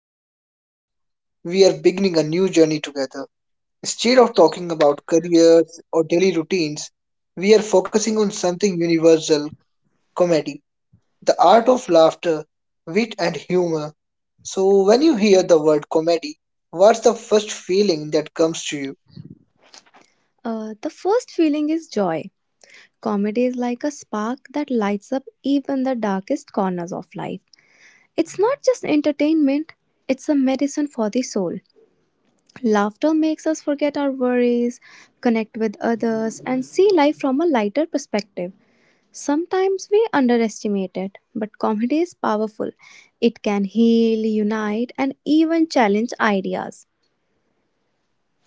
joining us today. We are beginning a new journey together. Instead of talking about careers or daily routines, we are focusing on something universal comedy, the art of laughter, wit, and humor. So, when you hear the word comedy, what's the first feeling that comes to you? The first feeling is joy. Comedy is like a spark that lights up even the darkest corners of life. It's not just entertainment, it's a medicine for the soul. Laughter makes us forget our worries, connect with others, and see life from a lighter perspective. Sometimes we underestimate it, but comedy is powerful. It can heal, unite, and even challenge ideas.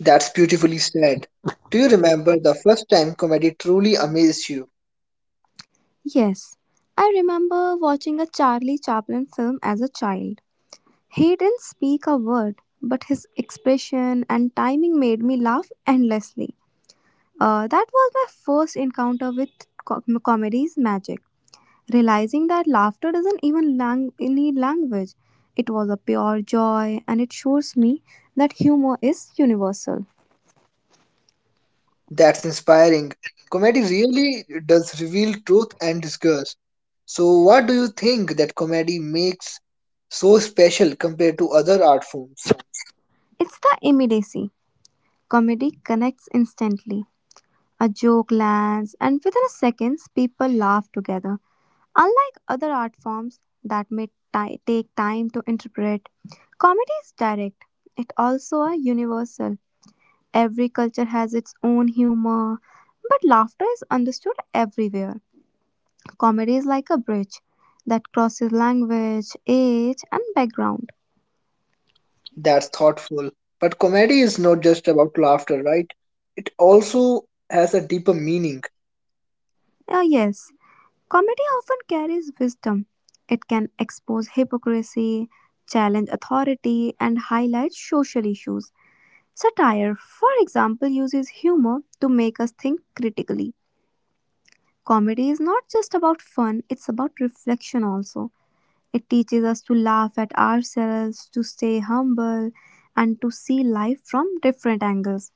That's beautifully said. Do you remember the first time comedy truly amazed you? Yes, I remember watching a Charlie Chaplin film as a child. He didn't speak a word, but his expression and timing made me laugh endlessly. That was my first encounter with comedy's magic, realizing that laughter doesn't even need language. It was a pure joy, and it shows me that humor is universal. That's inspiring. Comedy really does reveal truth and disgust. So, what do you think that comedy makes so special compared to other art forms? It's the immediacy. Comedy connects instantly. A joke lands, and within a seconds, people laugh together. Unlike other art forms that may take time to interpret, comedy is direct. It also a universal. Every culture has its own humor, but laughter is understood everywhere. Comedy is like a bridge that crosses language, age, and background. That's thoughtful. But comedy is not just about laughter, right? It also has a deeper meaning Yes, comedy often carries wisdom. It can expose hypocrisy, challenge authority, and highlight social issues. Satire, for example, uses humor to make us think critically. Comedy is not just about fun, it's about reflection also. It teaches us to laugh at ourselves, to stay humble, and to see life from different angles.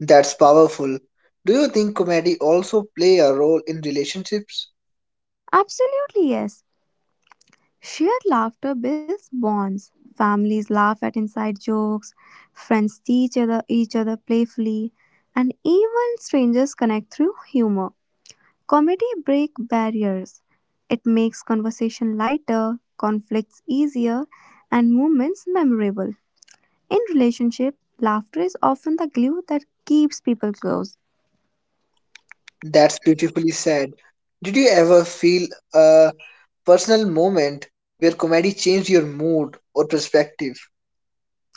that's powerful. Do you think comedy also play a role in relationships? Absolutely, yes. Shared laughter builds bonds. Families laugh at inside jokes, friends teach other, each other playfully, and even strangers connect through humor. Comedy breaks barriers; it makes conversation lighter, conflicts easier, and moments memorable. In relationship, laughter is often the glue that keeps people close. That's beautifully said. Did you ever feel a personal moment where comedy changed your mood or perspective.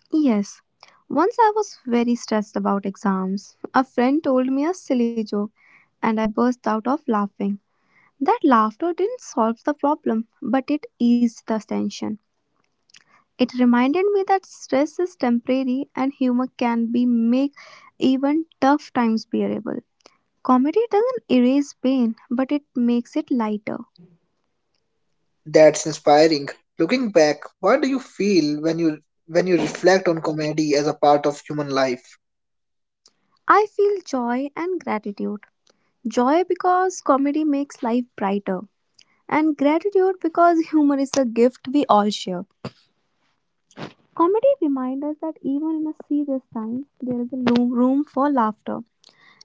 Yes, once I was very stressed about exams. A friend told me a silly joke, and I burst out of laughing. That laughter didn't solve the problem, but it eased the tension. It reminded me that stress is temporary and humor can be make even tough times bearable. Comedy doesn't erase pain, but it makes it lighter. That's inspiring. Looking back, what do you feel when you reflect on comedy as a part of human life? I feel joy and gratitude. Joy because comedy makes life brighter, and gratitude because humor is a gift we all share. Comedy reminds us that even in a serious time, there is a room for laughter.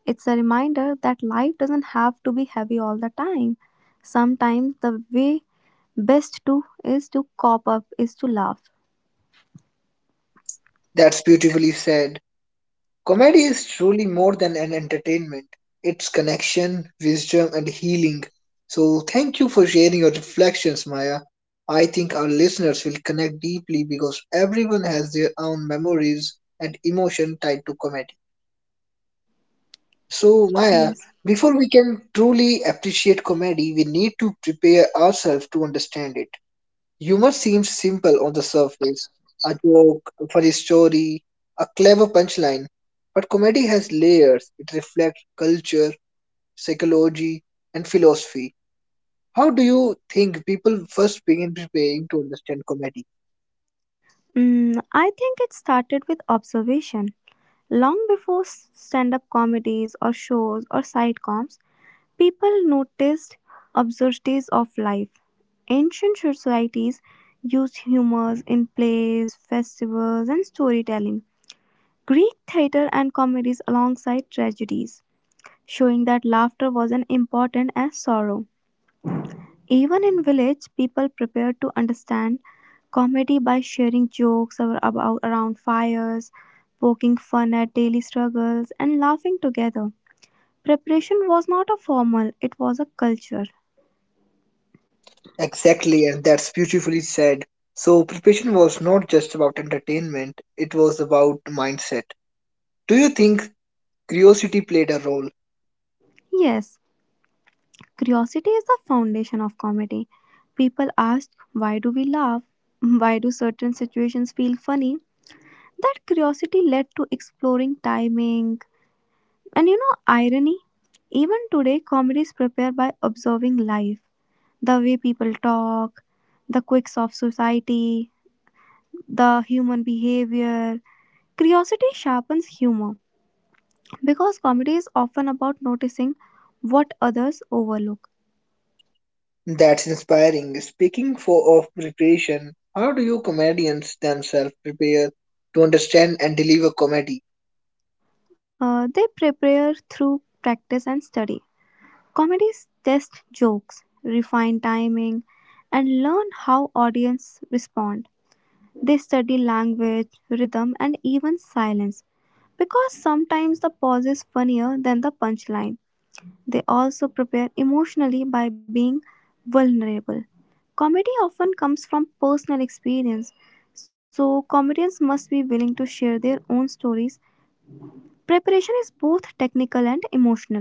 It's a reminder that life doesn't have to be heavy all the time. Sometimes the way best to is to cop up is to laugh. That's beautifully said. Comedy is truly more than an entertainment. It's connection, wisdom and healing. So thank you for sharing your reflections, Maya. I think our listeners will connect deeply because everyone has their own memories and emotion tied to comedy. So, Maya, Yes. before we can truly appreciate comedy, we need to prepare ourselves to understand it. Humor seems simple on the surface a joke, a funny story, a clever punchline. But comedy has layers, it reflects culture, psychology, and philosophy. How do you think people first begin preparing to understand comedy? I think it started with observation. Long before stand up comedies or shows or sitcoms, people noticed absurdities of life. Ancient societies used humors in plays, festivals, and storytelling. Greek theater and comedies alongside tragedies, showing that laughter wasn't important as sorrow. Even in village, people prepared to understand comedy by sharing jokes about around fires, poking fun at daily struggles, and laughing together. Preparation was not a formal; it was a culture. Exactly, and that's beautifully said. So, preparation was not just about entertainment, it was about mindset. Do you think curiosity played a role. Yes, curiosity is the foundation of comedy. People ask, "Why do we laugh? Why do certain situations feel funny?" That curiosity led to exploring timing, and you know, irony? Even today, comedies prepare by observing life, the way people talk, the quirks of society, the human behavior. Curiosity sharpens humor because comedy is often about noticing what others overlook. That's inspiring. Speaking for of preparation, how do you comedians themselves prepare to understand and deliver comedy? They prepare through practice and study. Comedies test jokes, refine timing, and learn how audience respond. They study language, rhythm, and even silence, because sometimes the pause is funnier than the punchline. They also prepare emotionally by being vulnerable. Comedy often comes from personal experience, so comedians must be willing to share their own stories. Preparation is both technical and emotional.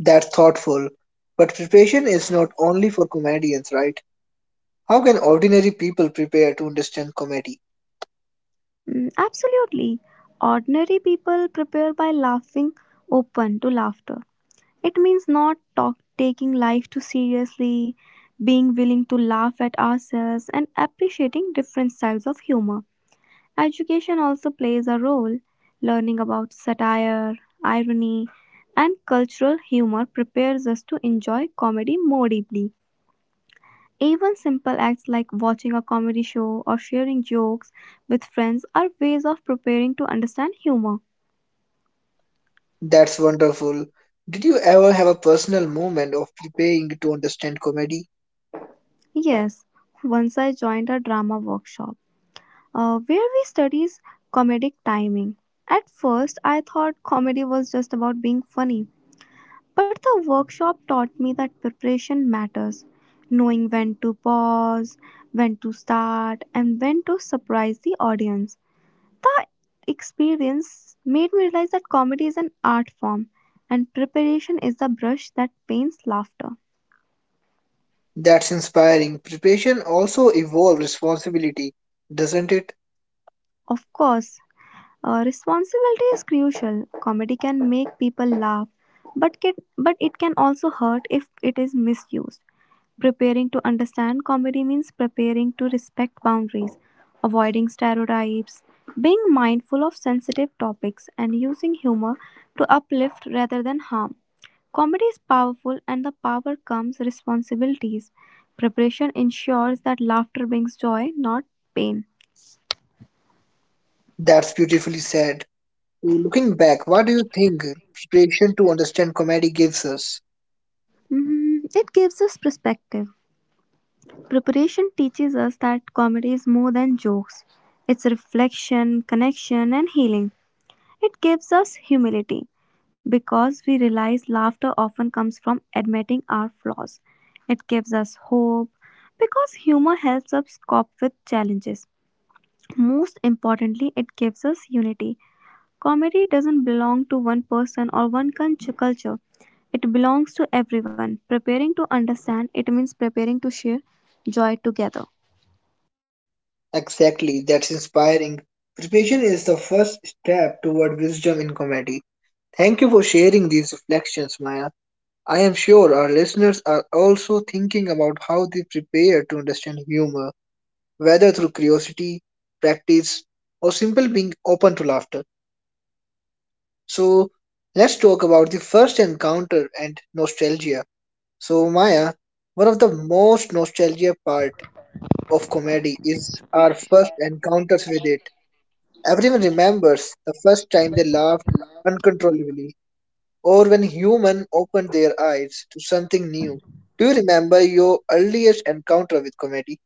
That's thoughtful. But preparation is not only for comedians, right? How can ordinary people prepare to understand comedy? Absolutely. Ordinary people prepare by laughing open to laughter. It means not talk, taking life too seriously, being willing to laugh at ourselves, and appreciating different styles of humor. Education also plays a role. Learning about satire, irony, and cultural humor prepares us to enjoy comedy more deeply. Even simple acts like watching a comedy show or sharing jokes with friends are ways of preparing to understand humor. That's wonderful. Did you ever have a personal moment of preparing to understand comedy? Yes, once I joined a drama workshop, where we studies comedic timing. At first, I thought comedy was just about being funny, but the workshop taught me that preparation matters. Knowing when to pause, when to start, and when to surprise the audience. The experience made me realize that comedy is an art form, and preparation is the brush that paints laughter. That's inspiring. Preparation also involves responsibility, doesn't it? Of course. Responsibility is crucial. Comedy can make people laugh, but it can also hurt if it is misused. Preparing to understand comedy means preparing to respect boundaries, avoiding stereotypes, being mindful of sensitive topics, and using humor to uplift rather than harm. Comedy is powerful, and the power comes responsibilities. Preparation ensures that laughter brings joy, not pain. That's beautifully said. So, looking back, what do you think preparation to understand comedy gives us? It gives us perspective. Preparation teaches us that comedy is more than jokes. It's reflection, connection, and healing. It gives us humility because we realize laughter often comes from admitting our flaws. It gives us hope because humor helps us cope with challenges. Most importantly, it gives us unity. Comedy doesn't belong to one person or one culture. It belongs to everyone. Preparing to understand, it means preparing to share joy together. Exactly, that's inspiring. Preparation is the first step toward wisdom in comedy. Thank you for sharing these reflections, Maya. I am sure our listeners are also thinking about how they prepare to understand humor, whether through curiosity, practice, or simple being open to laughter. So, let's talk about the first encounter and nostalgia. So, Maya, one of the most nostalgia part of comedy is our first encounters with it. Everyone remembers the first time they laughed uncontrollably or when human opened their eyes to something new. Do you remember your earliest encounter with comedy?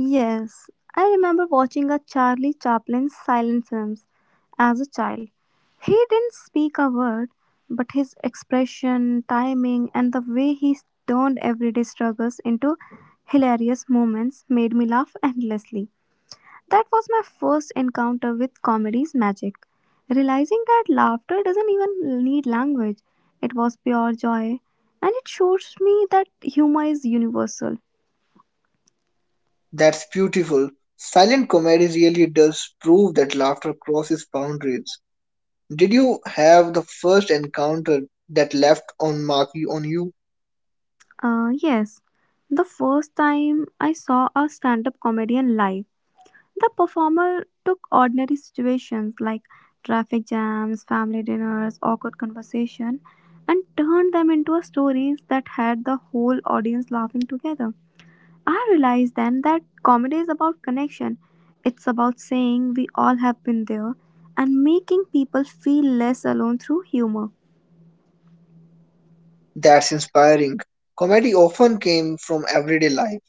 Yes, I remember watching a Charlie Chaplin silent films as a child. He didn't speak a word, but his expression, timing, and the way he turned everyday struggles into hilarious moments made me laugh endlessly. That was my first encounter with comedy's magic, realizing that laughter doesn't even need language. It was pure joy, and it shows me that humor is universal. That's beautiful. Silent comedy really does prove that laughter crosses boundaries. Did you have the first encounter that left on mark you on you? Yes, the first time I saw a stand up comedian live, the performer took ordinary situations like traffic jams, family dinners, awkward conversation, and turned them into stories that had the whole audience laughing together. I realized then that comedy is about connection. It's about saying we all have been there and making people feel less alone through humor. That's inspiring. Comedy often came from everyday life.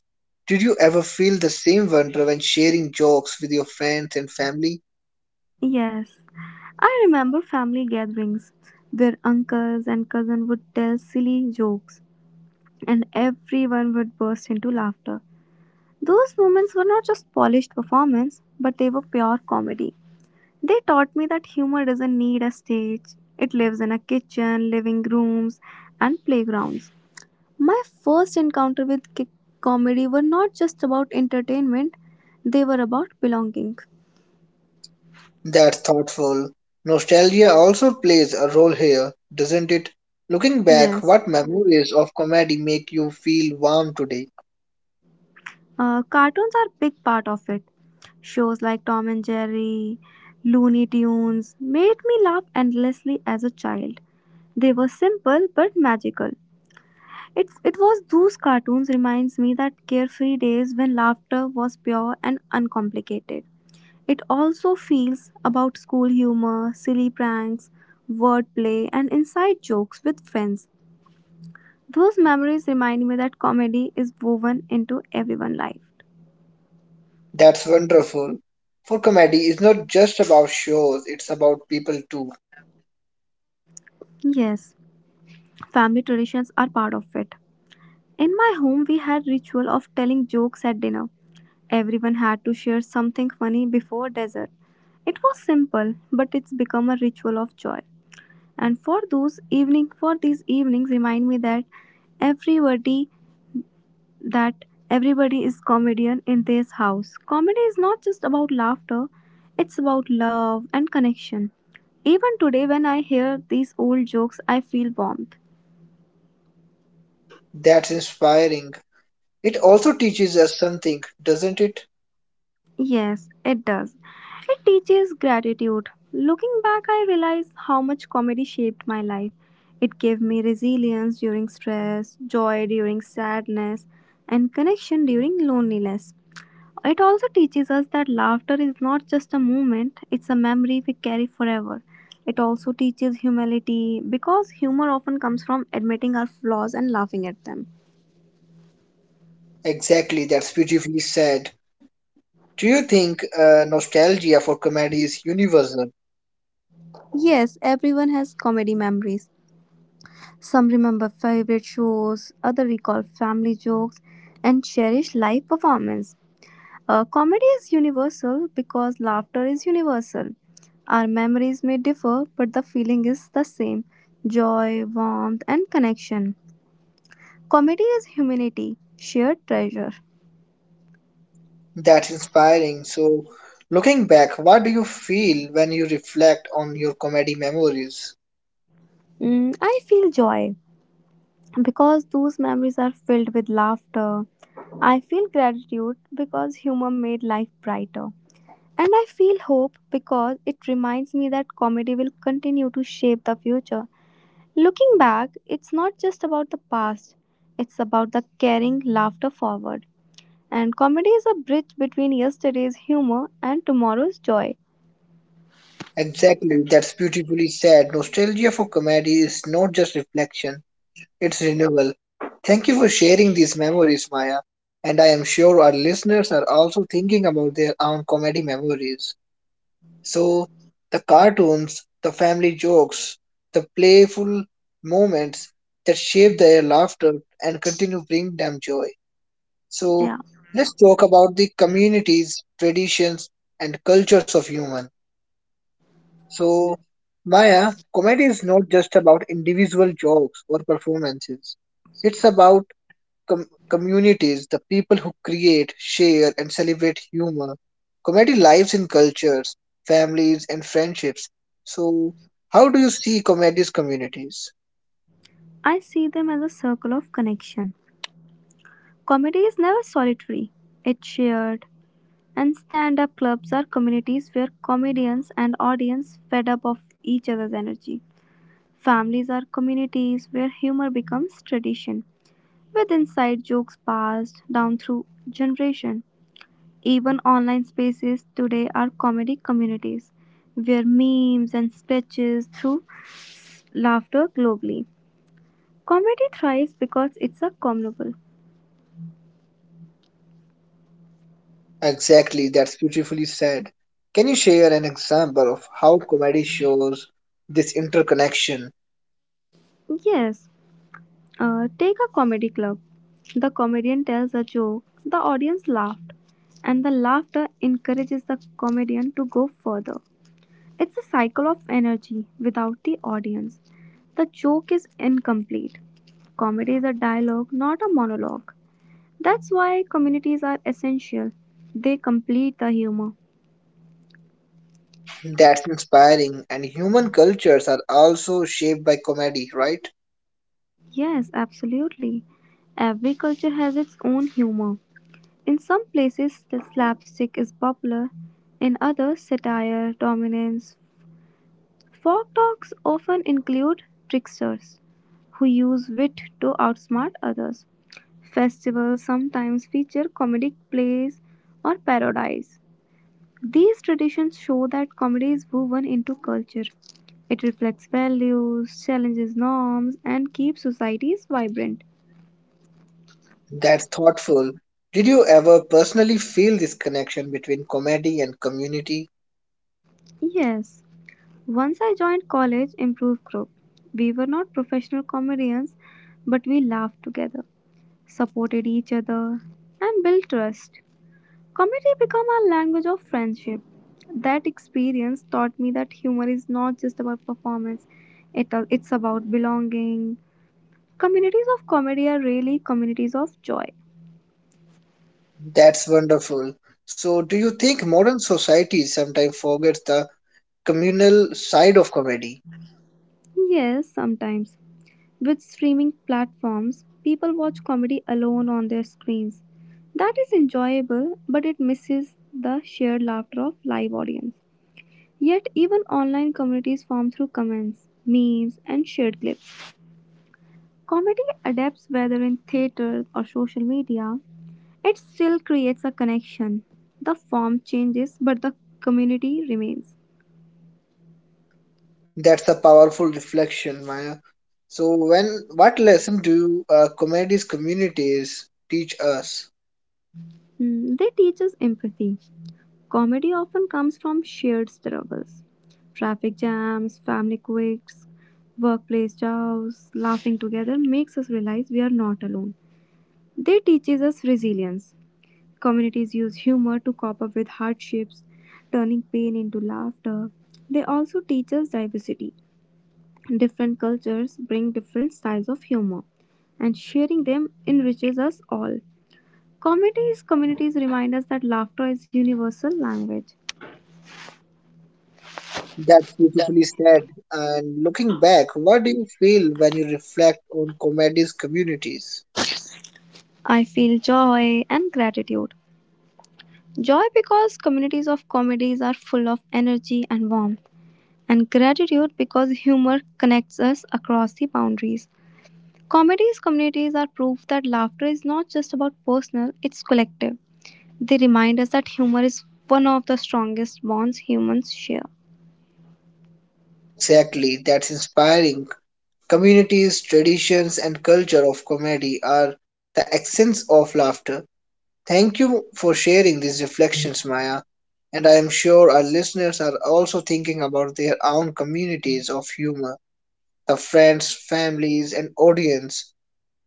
Did you ever feel the same wonder when sharing jokes with your friends and family? Yes, I remember family gatherings where uncles and cousins would tell silly jokes and everyone would burst into laughter. Those moments were not just polished performance, but they were pure comedy. They taught me that humor doesn't need a stage, it lives in a kitchen, living rooms, and playgrounds. My first encounter with comedy were not just about entertainment, they were about belonging. That's thoughtful. Nostalgia also plays a role here, doesn't it? Looking back, Yes. what memories of comedy make you feel warm today? Cartoons are big part of it. Shows like Tom and Jerry, Looney Tunes made me laugh endlessly as a child. They were simple but magical. It was those cartoons reminds me that carefree days when laughter was pure and uncomplicated. It also feels about school humor, silly pranks, wordplay and inside jokes with friends. Those memories remind me that comedy is woven into everyone's life. That's wonderful. For comedy is not just about shows, it's about people too. Yes, family traditions are part of it. In my home, we had ritual of telling jokes at dinner. Everyone had to share something funny before dessert. It was simple, but it's become a ritual of joy. And for these evenings, remind me that everybody that everybody is comedian in this house. Comedy is not just about laughter; it's about love and connection. Even today, when I hear these old jokes, I feel warmth. That's inspiring. It also teaches us something, doesn't it? Yes, it does. It teaches gratitude. Looking back, I realize how much comedy shaped my life. It gave me resilience during stress, joy during sadness, and connection during loneliness. It also teaches us that laughter is not just a moment, it's a memory we carry forever. It also teaches humility because humor often comes from admitting our flaws and laughing at them. Exactly, that's beautifully said. Do you think nostalgia for comedy is universal? Yes, everyone has comedy memories. Some remember favorite shows, others recall family jokes, and cherish live performance. Comedy is universal because laughter is universal. Our memories may differ, but the feeling is the same joy, warmth, and connection. Comedy is humanity, shared treasure. That's inspiring. So, looking back, what do you feel when you reflect on your comedy memories? I feel joy because those memories are filled with laughter. I feel gratitude because humor made life brighter. And I feel hope because it reminds me that comedy will continue to shape the future. Looking back, it's not just about the past, it's about the carrying laughter forward. And comedy is a bridge between yesterday's humor and tomorrow's joy. Exactly, that's beautifully said. Nostalgia for comedy is not just reflection, it's renewal. Thank you for sharing these memories, Maya. And I am sure our listeners are also thinking about their own comedy memories. So the cartoons, the family jokes, the playful moments that shape their laughter and continue bring them joy. So Yeah, let's talk about the communities, traditions, and cultures of human. So Maya, comedy is not just about individual jokes or performances. It's about communities, the people who create, share, and celebrate humor. Comedy lives in cultures, families, and friendships. So, how do you see comedy's communities? I see them as a circle of connection. Comedy is never solitary, it's shared. And stand up clubs are communities where comedians and audience fed up of each other's energy. Families are communities where humor becomes tradition, with inside jokes passed down through generation. Even online spaces today are comedy communities, where memes and sketches through laughter globally. Comedy thrives because it's a communal. Exactly, that's beautifully said. Can you share an example of how comedy shows this interconnection? Yes, take a comedy club. The comedian tells a joke, the audience laughed, and the laughter encourages the comedian to go further. It's a cycle of energy without the audience. The joke is incomplete. Comedy is a dialogue, not a monologue. That's why communities are essential. They complete the humor. That's inspiring, and human cultures are also shaped by comedy, right? Yes, absolutely. Every culture has its own humor. In some places, the slapstick is popular, in others, satire dominates. Folk talks often include tricksters who use wit to outsmart others. Festivals sometimes feature comedic plays or parodies. These traditions show that comedy is woven into culture. It reflects values, challenges norms, and keeps societies vibrant. That's thoughtful. Did you ever personally feel this connection between comedy and community? Yes, once I joined college improv group. We were not professional comedians, but we laughed together, supported each other, and built trust. Comedy became a language of friendship. That experience taught me that humor is not just about performance, it's about belonging. Communities of comedy are really communities of joy. That's wonderful. So, do you think modern society sometimes forgets the communal side of comedy? Yes, sometimes. With streaming platforms, people watch comedy alone on their screens. That is enjoyable, but it misses the shared laughter of live audience. Yet even online communities form through comments, memes, and shared clips. Comedy adapts whether in theater or social media, it still creates a connection. The form changes, but the community remains. That's a powerful reflection, Maya. So, when what lesson do you, comedy's communities teach us? Hmm, they teach us empathy. Comedy often comes from shared struggles traffic jams, family quirks, workplace chows, laughing together makes us realize we are not alone. They teaches us resilience. Communities use humor to cope up with hardships, turning pain into laughter. They also teach us diversity. Different cultures bring different styles of humor, and sharing them enriches us all. Comedies communities remind us that laughter is universal language. That's beautifully said. And looking back, what do you feel when you reflect on comedy's communities? I feel joy and gratitude. Joy because communities of comedies are full of energy and warmth, and gratitude because humor connects us across the boundaries. Comedies communities are proof that laughter is not just about personal, it's collective. They remind us that humor is one of the strongest bonds humans share. Exactly, that's inspiring. Communities, traditions, and culture of comedy are the essence of laughter. Thank you for sharing these reflections, Maya. And I am sure our listeners are also thinking about their own communities of humor, the friends, families, and audience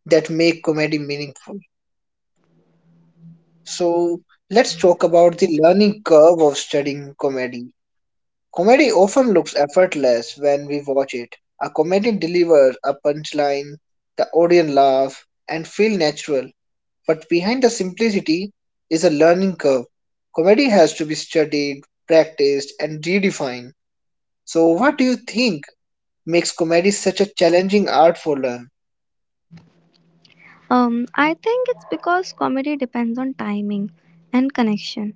that make comedy meaningful. So, let's talk about the learning curve of studying comedy. Comedy often looks effortless when we watch it. A comedian delivers a punchline, the audience laugh, and feel natural. But behind the simplicity is a learning curve. Comedy has to be studied, practiced, and redefined. So, what do you think makes comedy such a challenging art for learn? I think it's because comedy depends on timing and connection.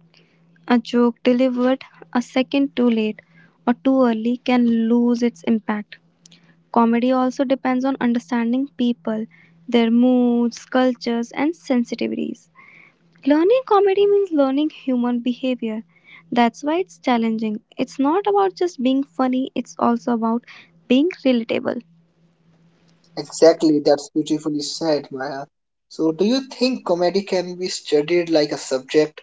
A joke delivered a second too late or too early can lose its impact. Comedy also depends on understanding people, their moods, cultures, and sensitivities. Learning comedy means learning human behavior. That's why it's challenging. It's not about just being funny, it's also about being relatable. Exactly, that's beautifully said, Maya. So, do you think comedy can be studied like a subject,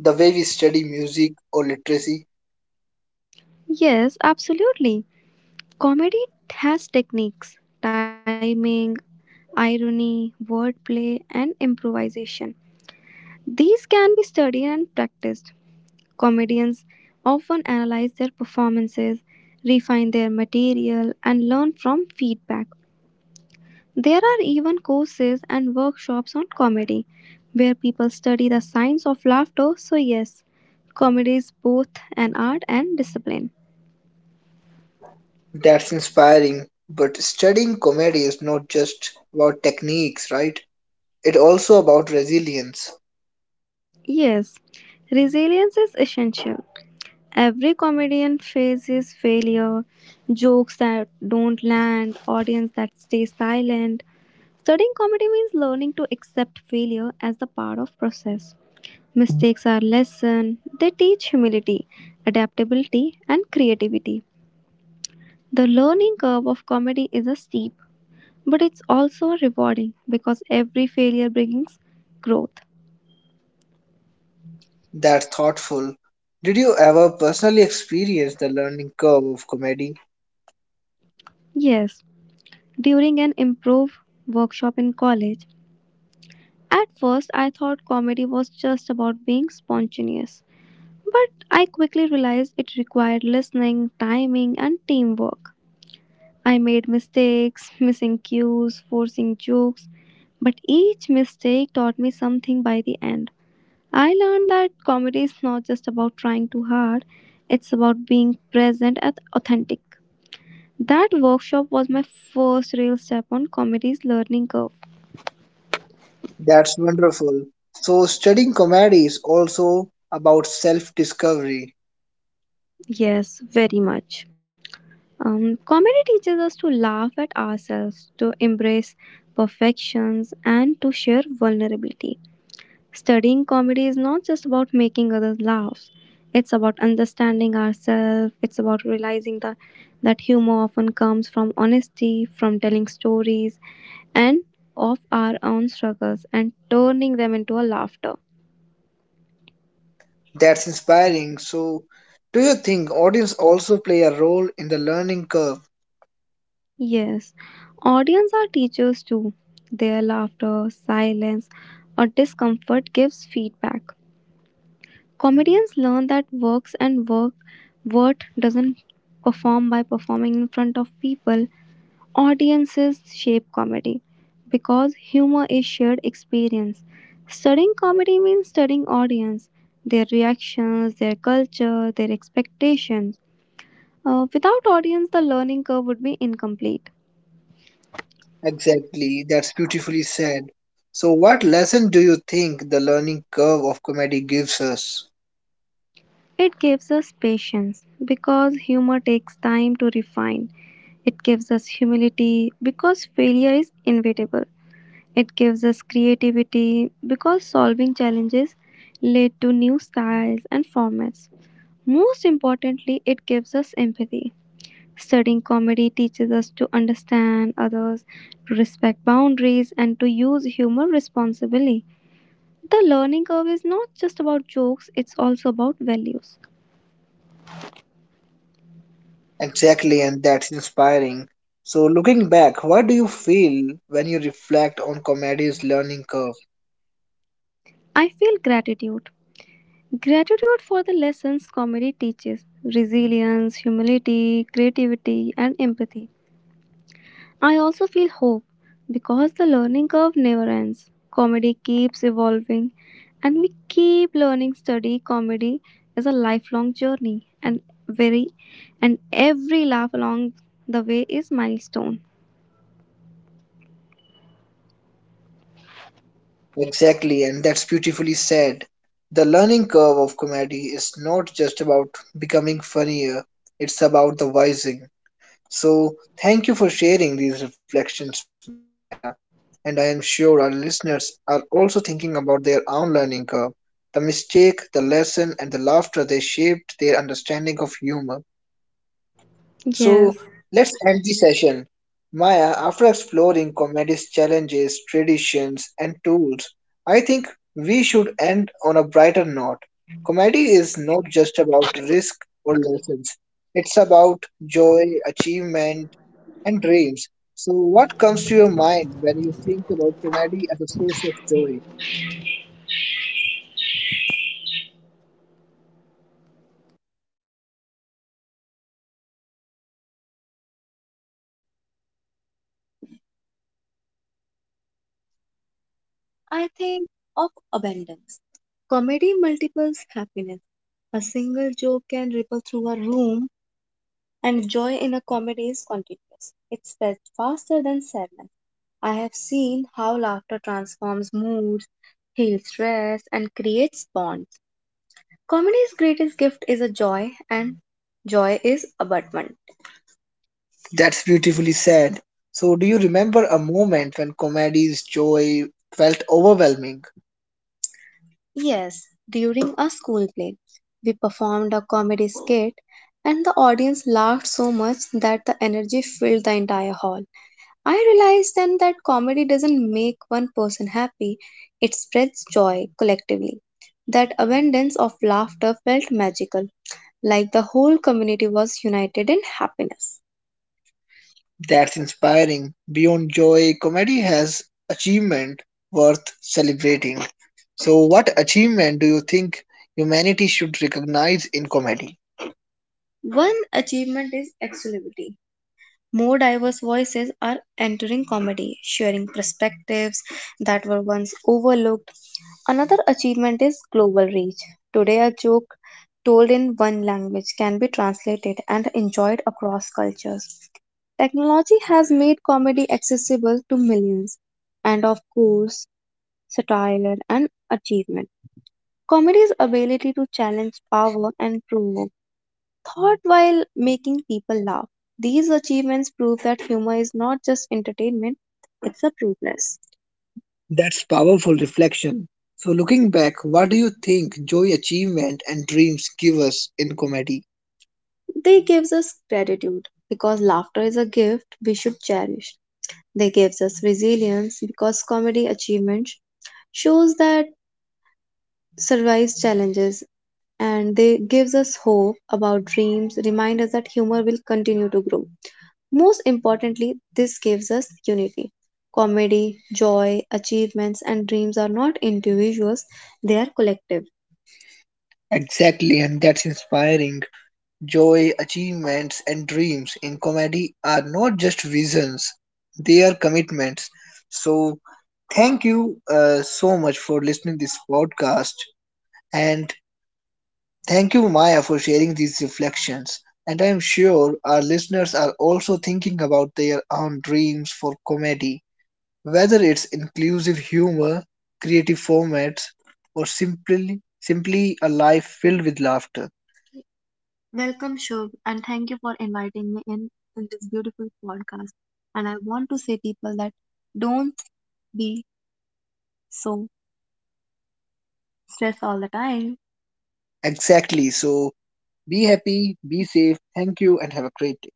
the way we study music or literacy? Yes, absolutely. Comedy has techniques, timing, irony, wordplay, and improvisation. These can be studied and practiced. Comedians often analyze their performances, refine their material, and learn from feedback. There are even courses and workshops on comedy where people study the science of laughter. So, yes, comedy is both an art and discipline. That's inspiring. But studying comedy is not just about techniques, right? It's also about resilience. Yes, resilience is essential. Every comedian faces failure, jokes that don't land, audience that stay silent. Studying comedy means learning to accept failure as the part of process. Mistakes are lesson. They teach humility, adaptability and creativity. The learning curve of comedy is a steep, but it's also rewarding because every failure brings growth. That thoughtful. Did you ever personally experience the learning curve of comedy? Yes, during an improv workshop in college, at first, I thought comedy was just about being spontaneous, but I quickly realized it required listening, timing, and teamwork. I made mistakes, missing cues, forcing jokes, but each mistake taught me something by the end. I learned that comedy is not just about trying too hard, it's about being present and authentic. That workshop was my first real step on comedy's learning curve. That's wonderful. So, studying comedy is also about self discovery. Yes, very much. Comedy teaches us to laugh at ourselves, to embrace perfections, and to share vulnerability. Studying comedy is not just about making others laugh, it's about understanding ourselves, it's about realizing that humor often comes from honesty, from telling stories, and of our own struggles and turning them into a laughter. That's inspiring. So, do you think audience also play a role in the learning curve? Yes, audience are teachers too. Their laughter, silence, or discomfort gives feedback. Comedians learn that works and work worth doesn't perform by performing in front of people. Audiences shape comedy because humor is shared experience. Studying comedy means studying audience, their reactions, their culture, their expectations. Without audience, the learning curve would be incomplete. Exactly. That's beautifully said. So, what lesson do you think the learning curve of comedy gives us? It gives us patience because humor takes time to refine. It gives us humility because failure is inevitable. It gives us creativity because solving challenges lead to new styles and formats. Most importantly, it gives us empathy. Studying comedy teaches us to understand others, to respect boundaries, and to use humor responsibly. The learning curve is not just about jokes, it's also about values. Exactly, and that's inspiring. So, looking back, what do you feel when you reflect on comedy's learning curve? I feel gratitude. Gratitude for the lessons comedy teaches resilience, humility, creativity, and empathy. I also feel hope because the learning curve never ends. Comedy keeps evolving, and we keep learning. Study comedy is a lifelong journey, and very and every laugh along the way is milestone. Exactly, and that's beautifully said. The learning curve of comedy is not just about becoming funnier, it's about the wising. So, thank you for sharing these reflections, Maya. And I am sure our listeners are also thinking about their own learning curve, the mistake, the lesson, and the laughter they shaped their understanding of humor. So Yes. let's end the session. Maya, after exploring comedy's challenges, traditions, and tools, I think we should end on a brighter note. Comedy is not just about risk or lessons, it's about joy, achievement, and dreams. So, what comes to your mind when you think about comedy as a source of joy? I think of abundance. Comedy multiples happiness. A single joke can ripple through a room and joy in a comedy is contagious. It spreads faster than sadness. I have seen how laughter transforms moods, heals stress, and creates bonds. Comedy's greatest gift is a joy, and joy is abundant. That's beautifully said. So, do you remember a moment when comedy's joy felt overwhelming? Yes, during a school play, we performed a comedy skit and the audience laughed so much that the energy filled the entire hall. I realized then that comedy doesn't make one person happy, it spreads joy collectively. That abundance of laughter felt magical, like the whole community was united in happiness. That's inspiring. Beyond joy, comedy has achievement worth celebrating. So, what achievement do you think humanity should recognize in comedy? One achievement is excellivity. More diverse voices are entering comedy, sharing perspectives that were once overlooked. Another achievement is global reach. Today, a joke told in one language can be translated and enjoyed across cultures. Technology has made comedy accessible to millions, and of course, satire and achievement. Comedy's ability to challenge power and provoke thought while making people laugh. These achievements prove that humor is not just entertainment, it's a privilege. That's powerful reflection. So, looking back, what do you think joy, achievement, and dreams give us in comedy? They gives us gratitude because laughter is a gift we should cherish. They gives us resilience because comedy achievement shows that survives challenges and they gives us hope about dreams, remind us that humor will continue to grow. Most importantly, this gives us unity. Comedy, joy, achievements, and dreams are not individuals, they are collective. Exactly, and that's inspiring. Joy, achievements, and dreams in comedy are not just visions, they are commitments. So, thank you so much for listening this podcast and thank you, Maya, for sharing these reflections. And I'm sure our listeners are also thinking about their own dreams for comedy, whether it's inclusive humor, creative formats, or simply a life filled with laughter. Welcome, Shubh, and thank you for inviting me in this beautiful podcast. And I want to say people that don't be so stressed all the time. Exactly. So be happy, be safe. Thank you, and have a great day.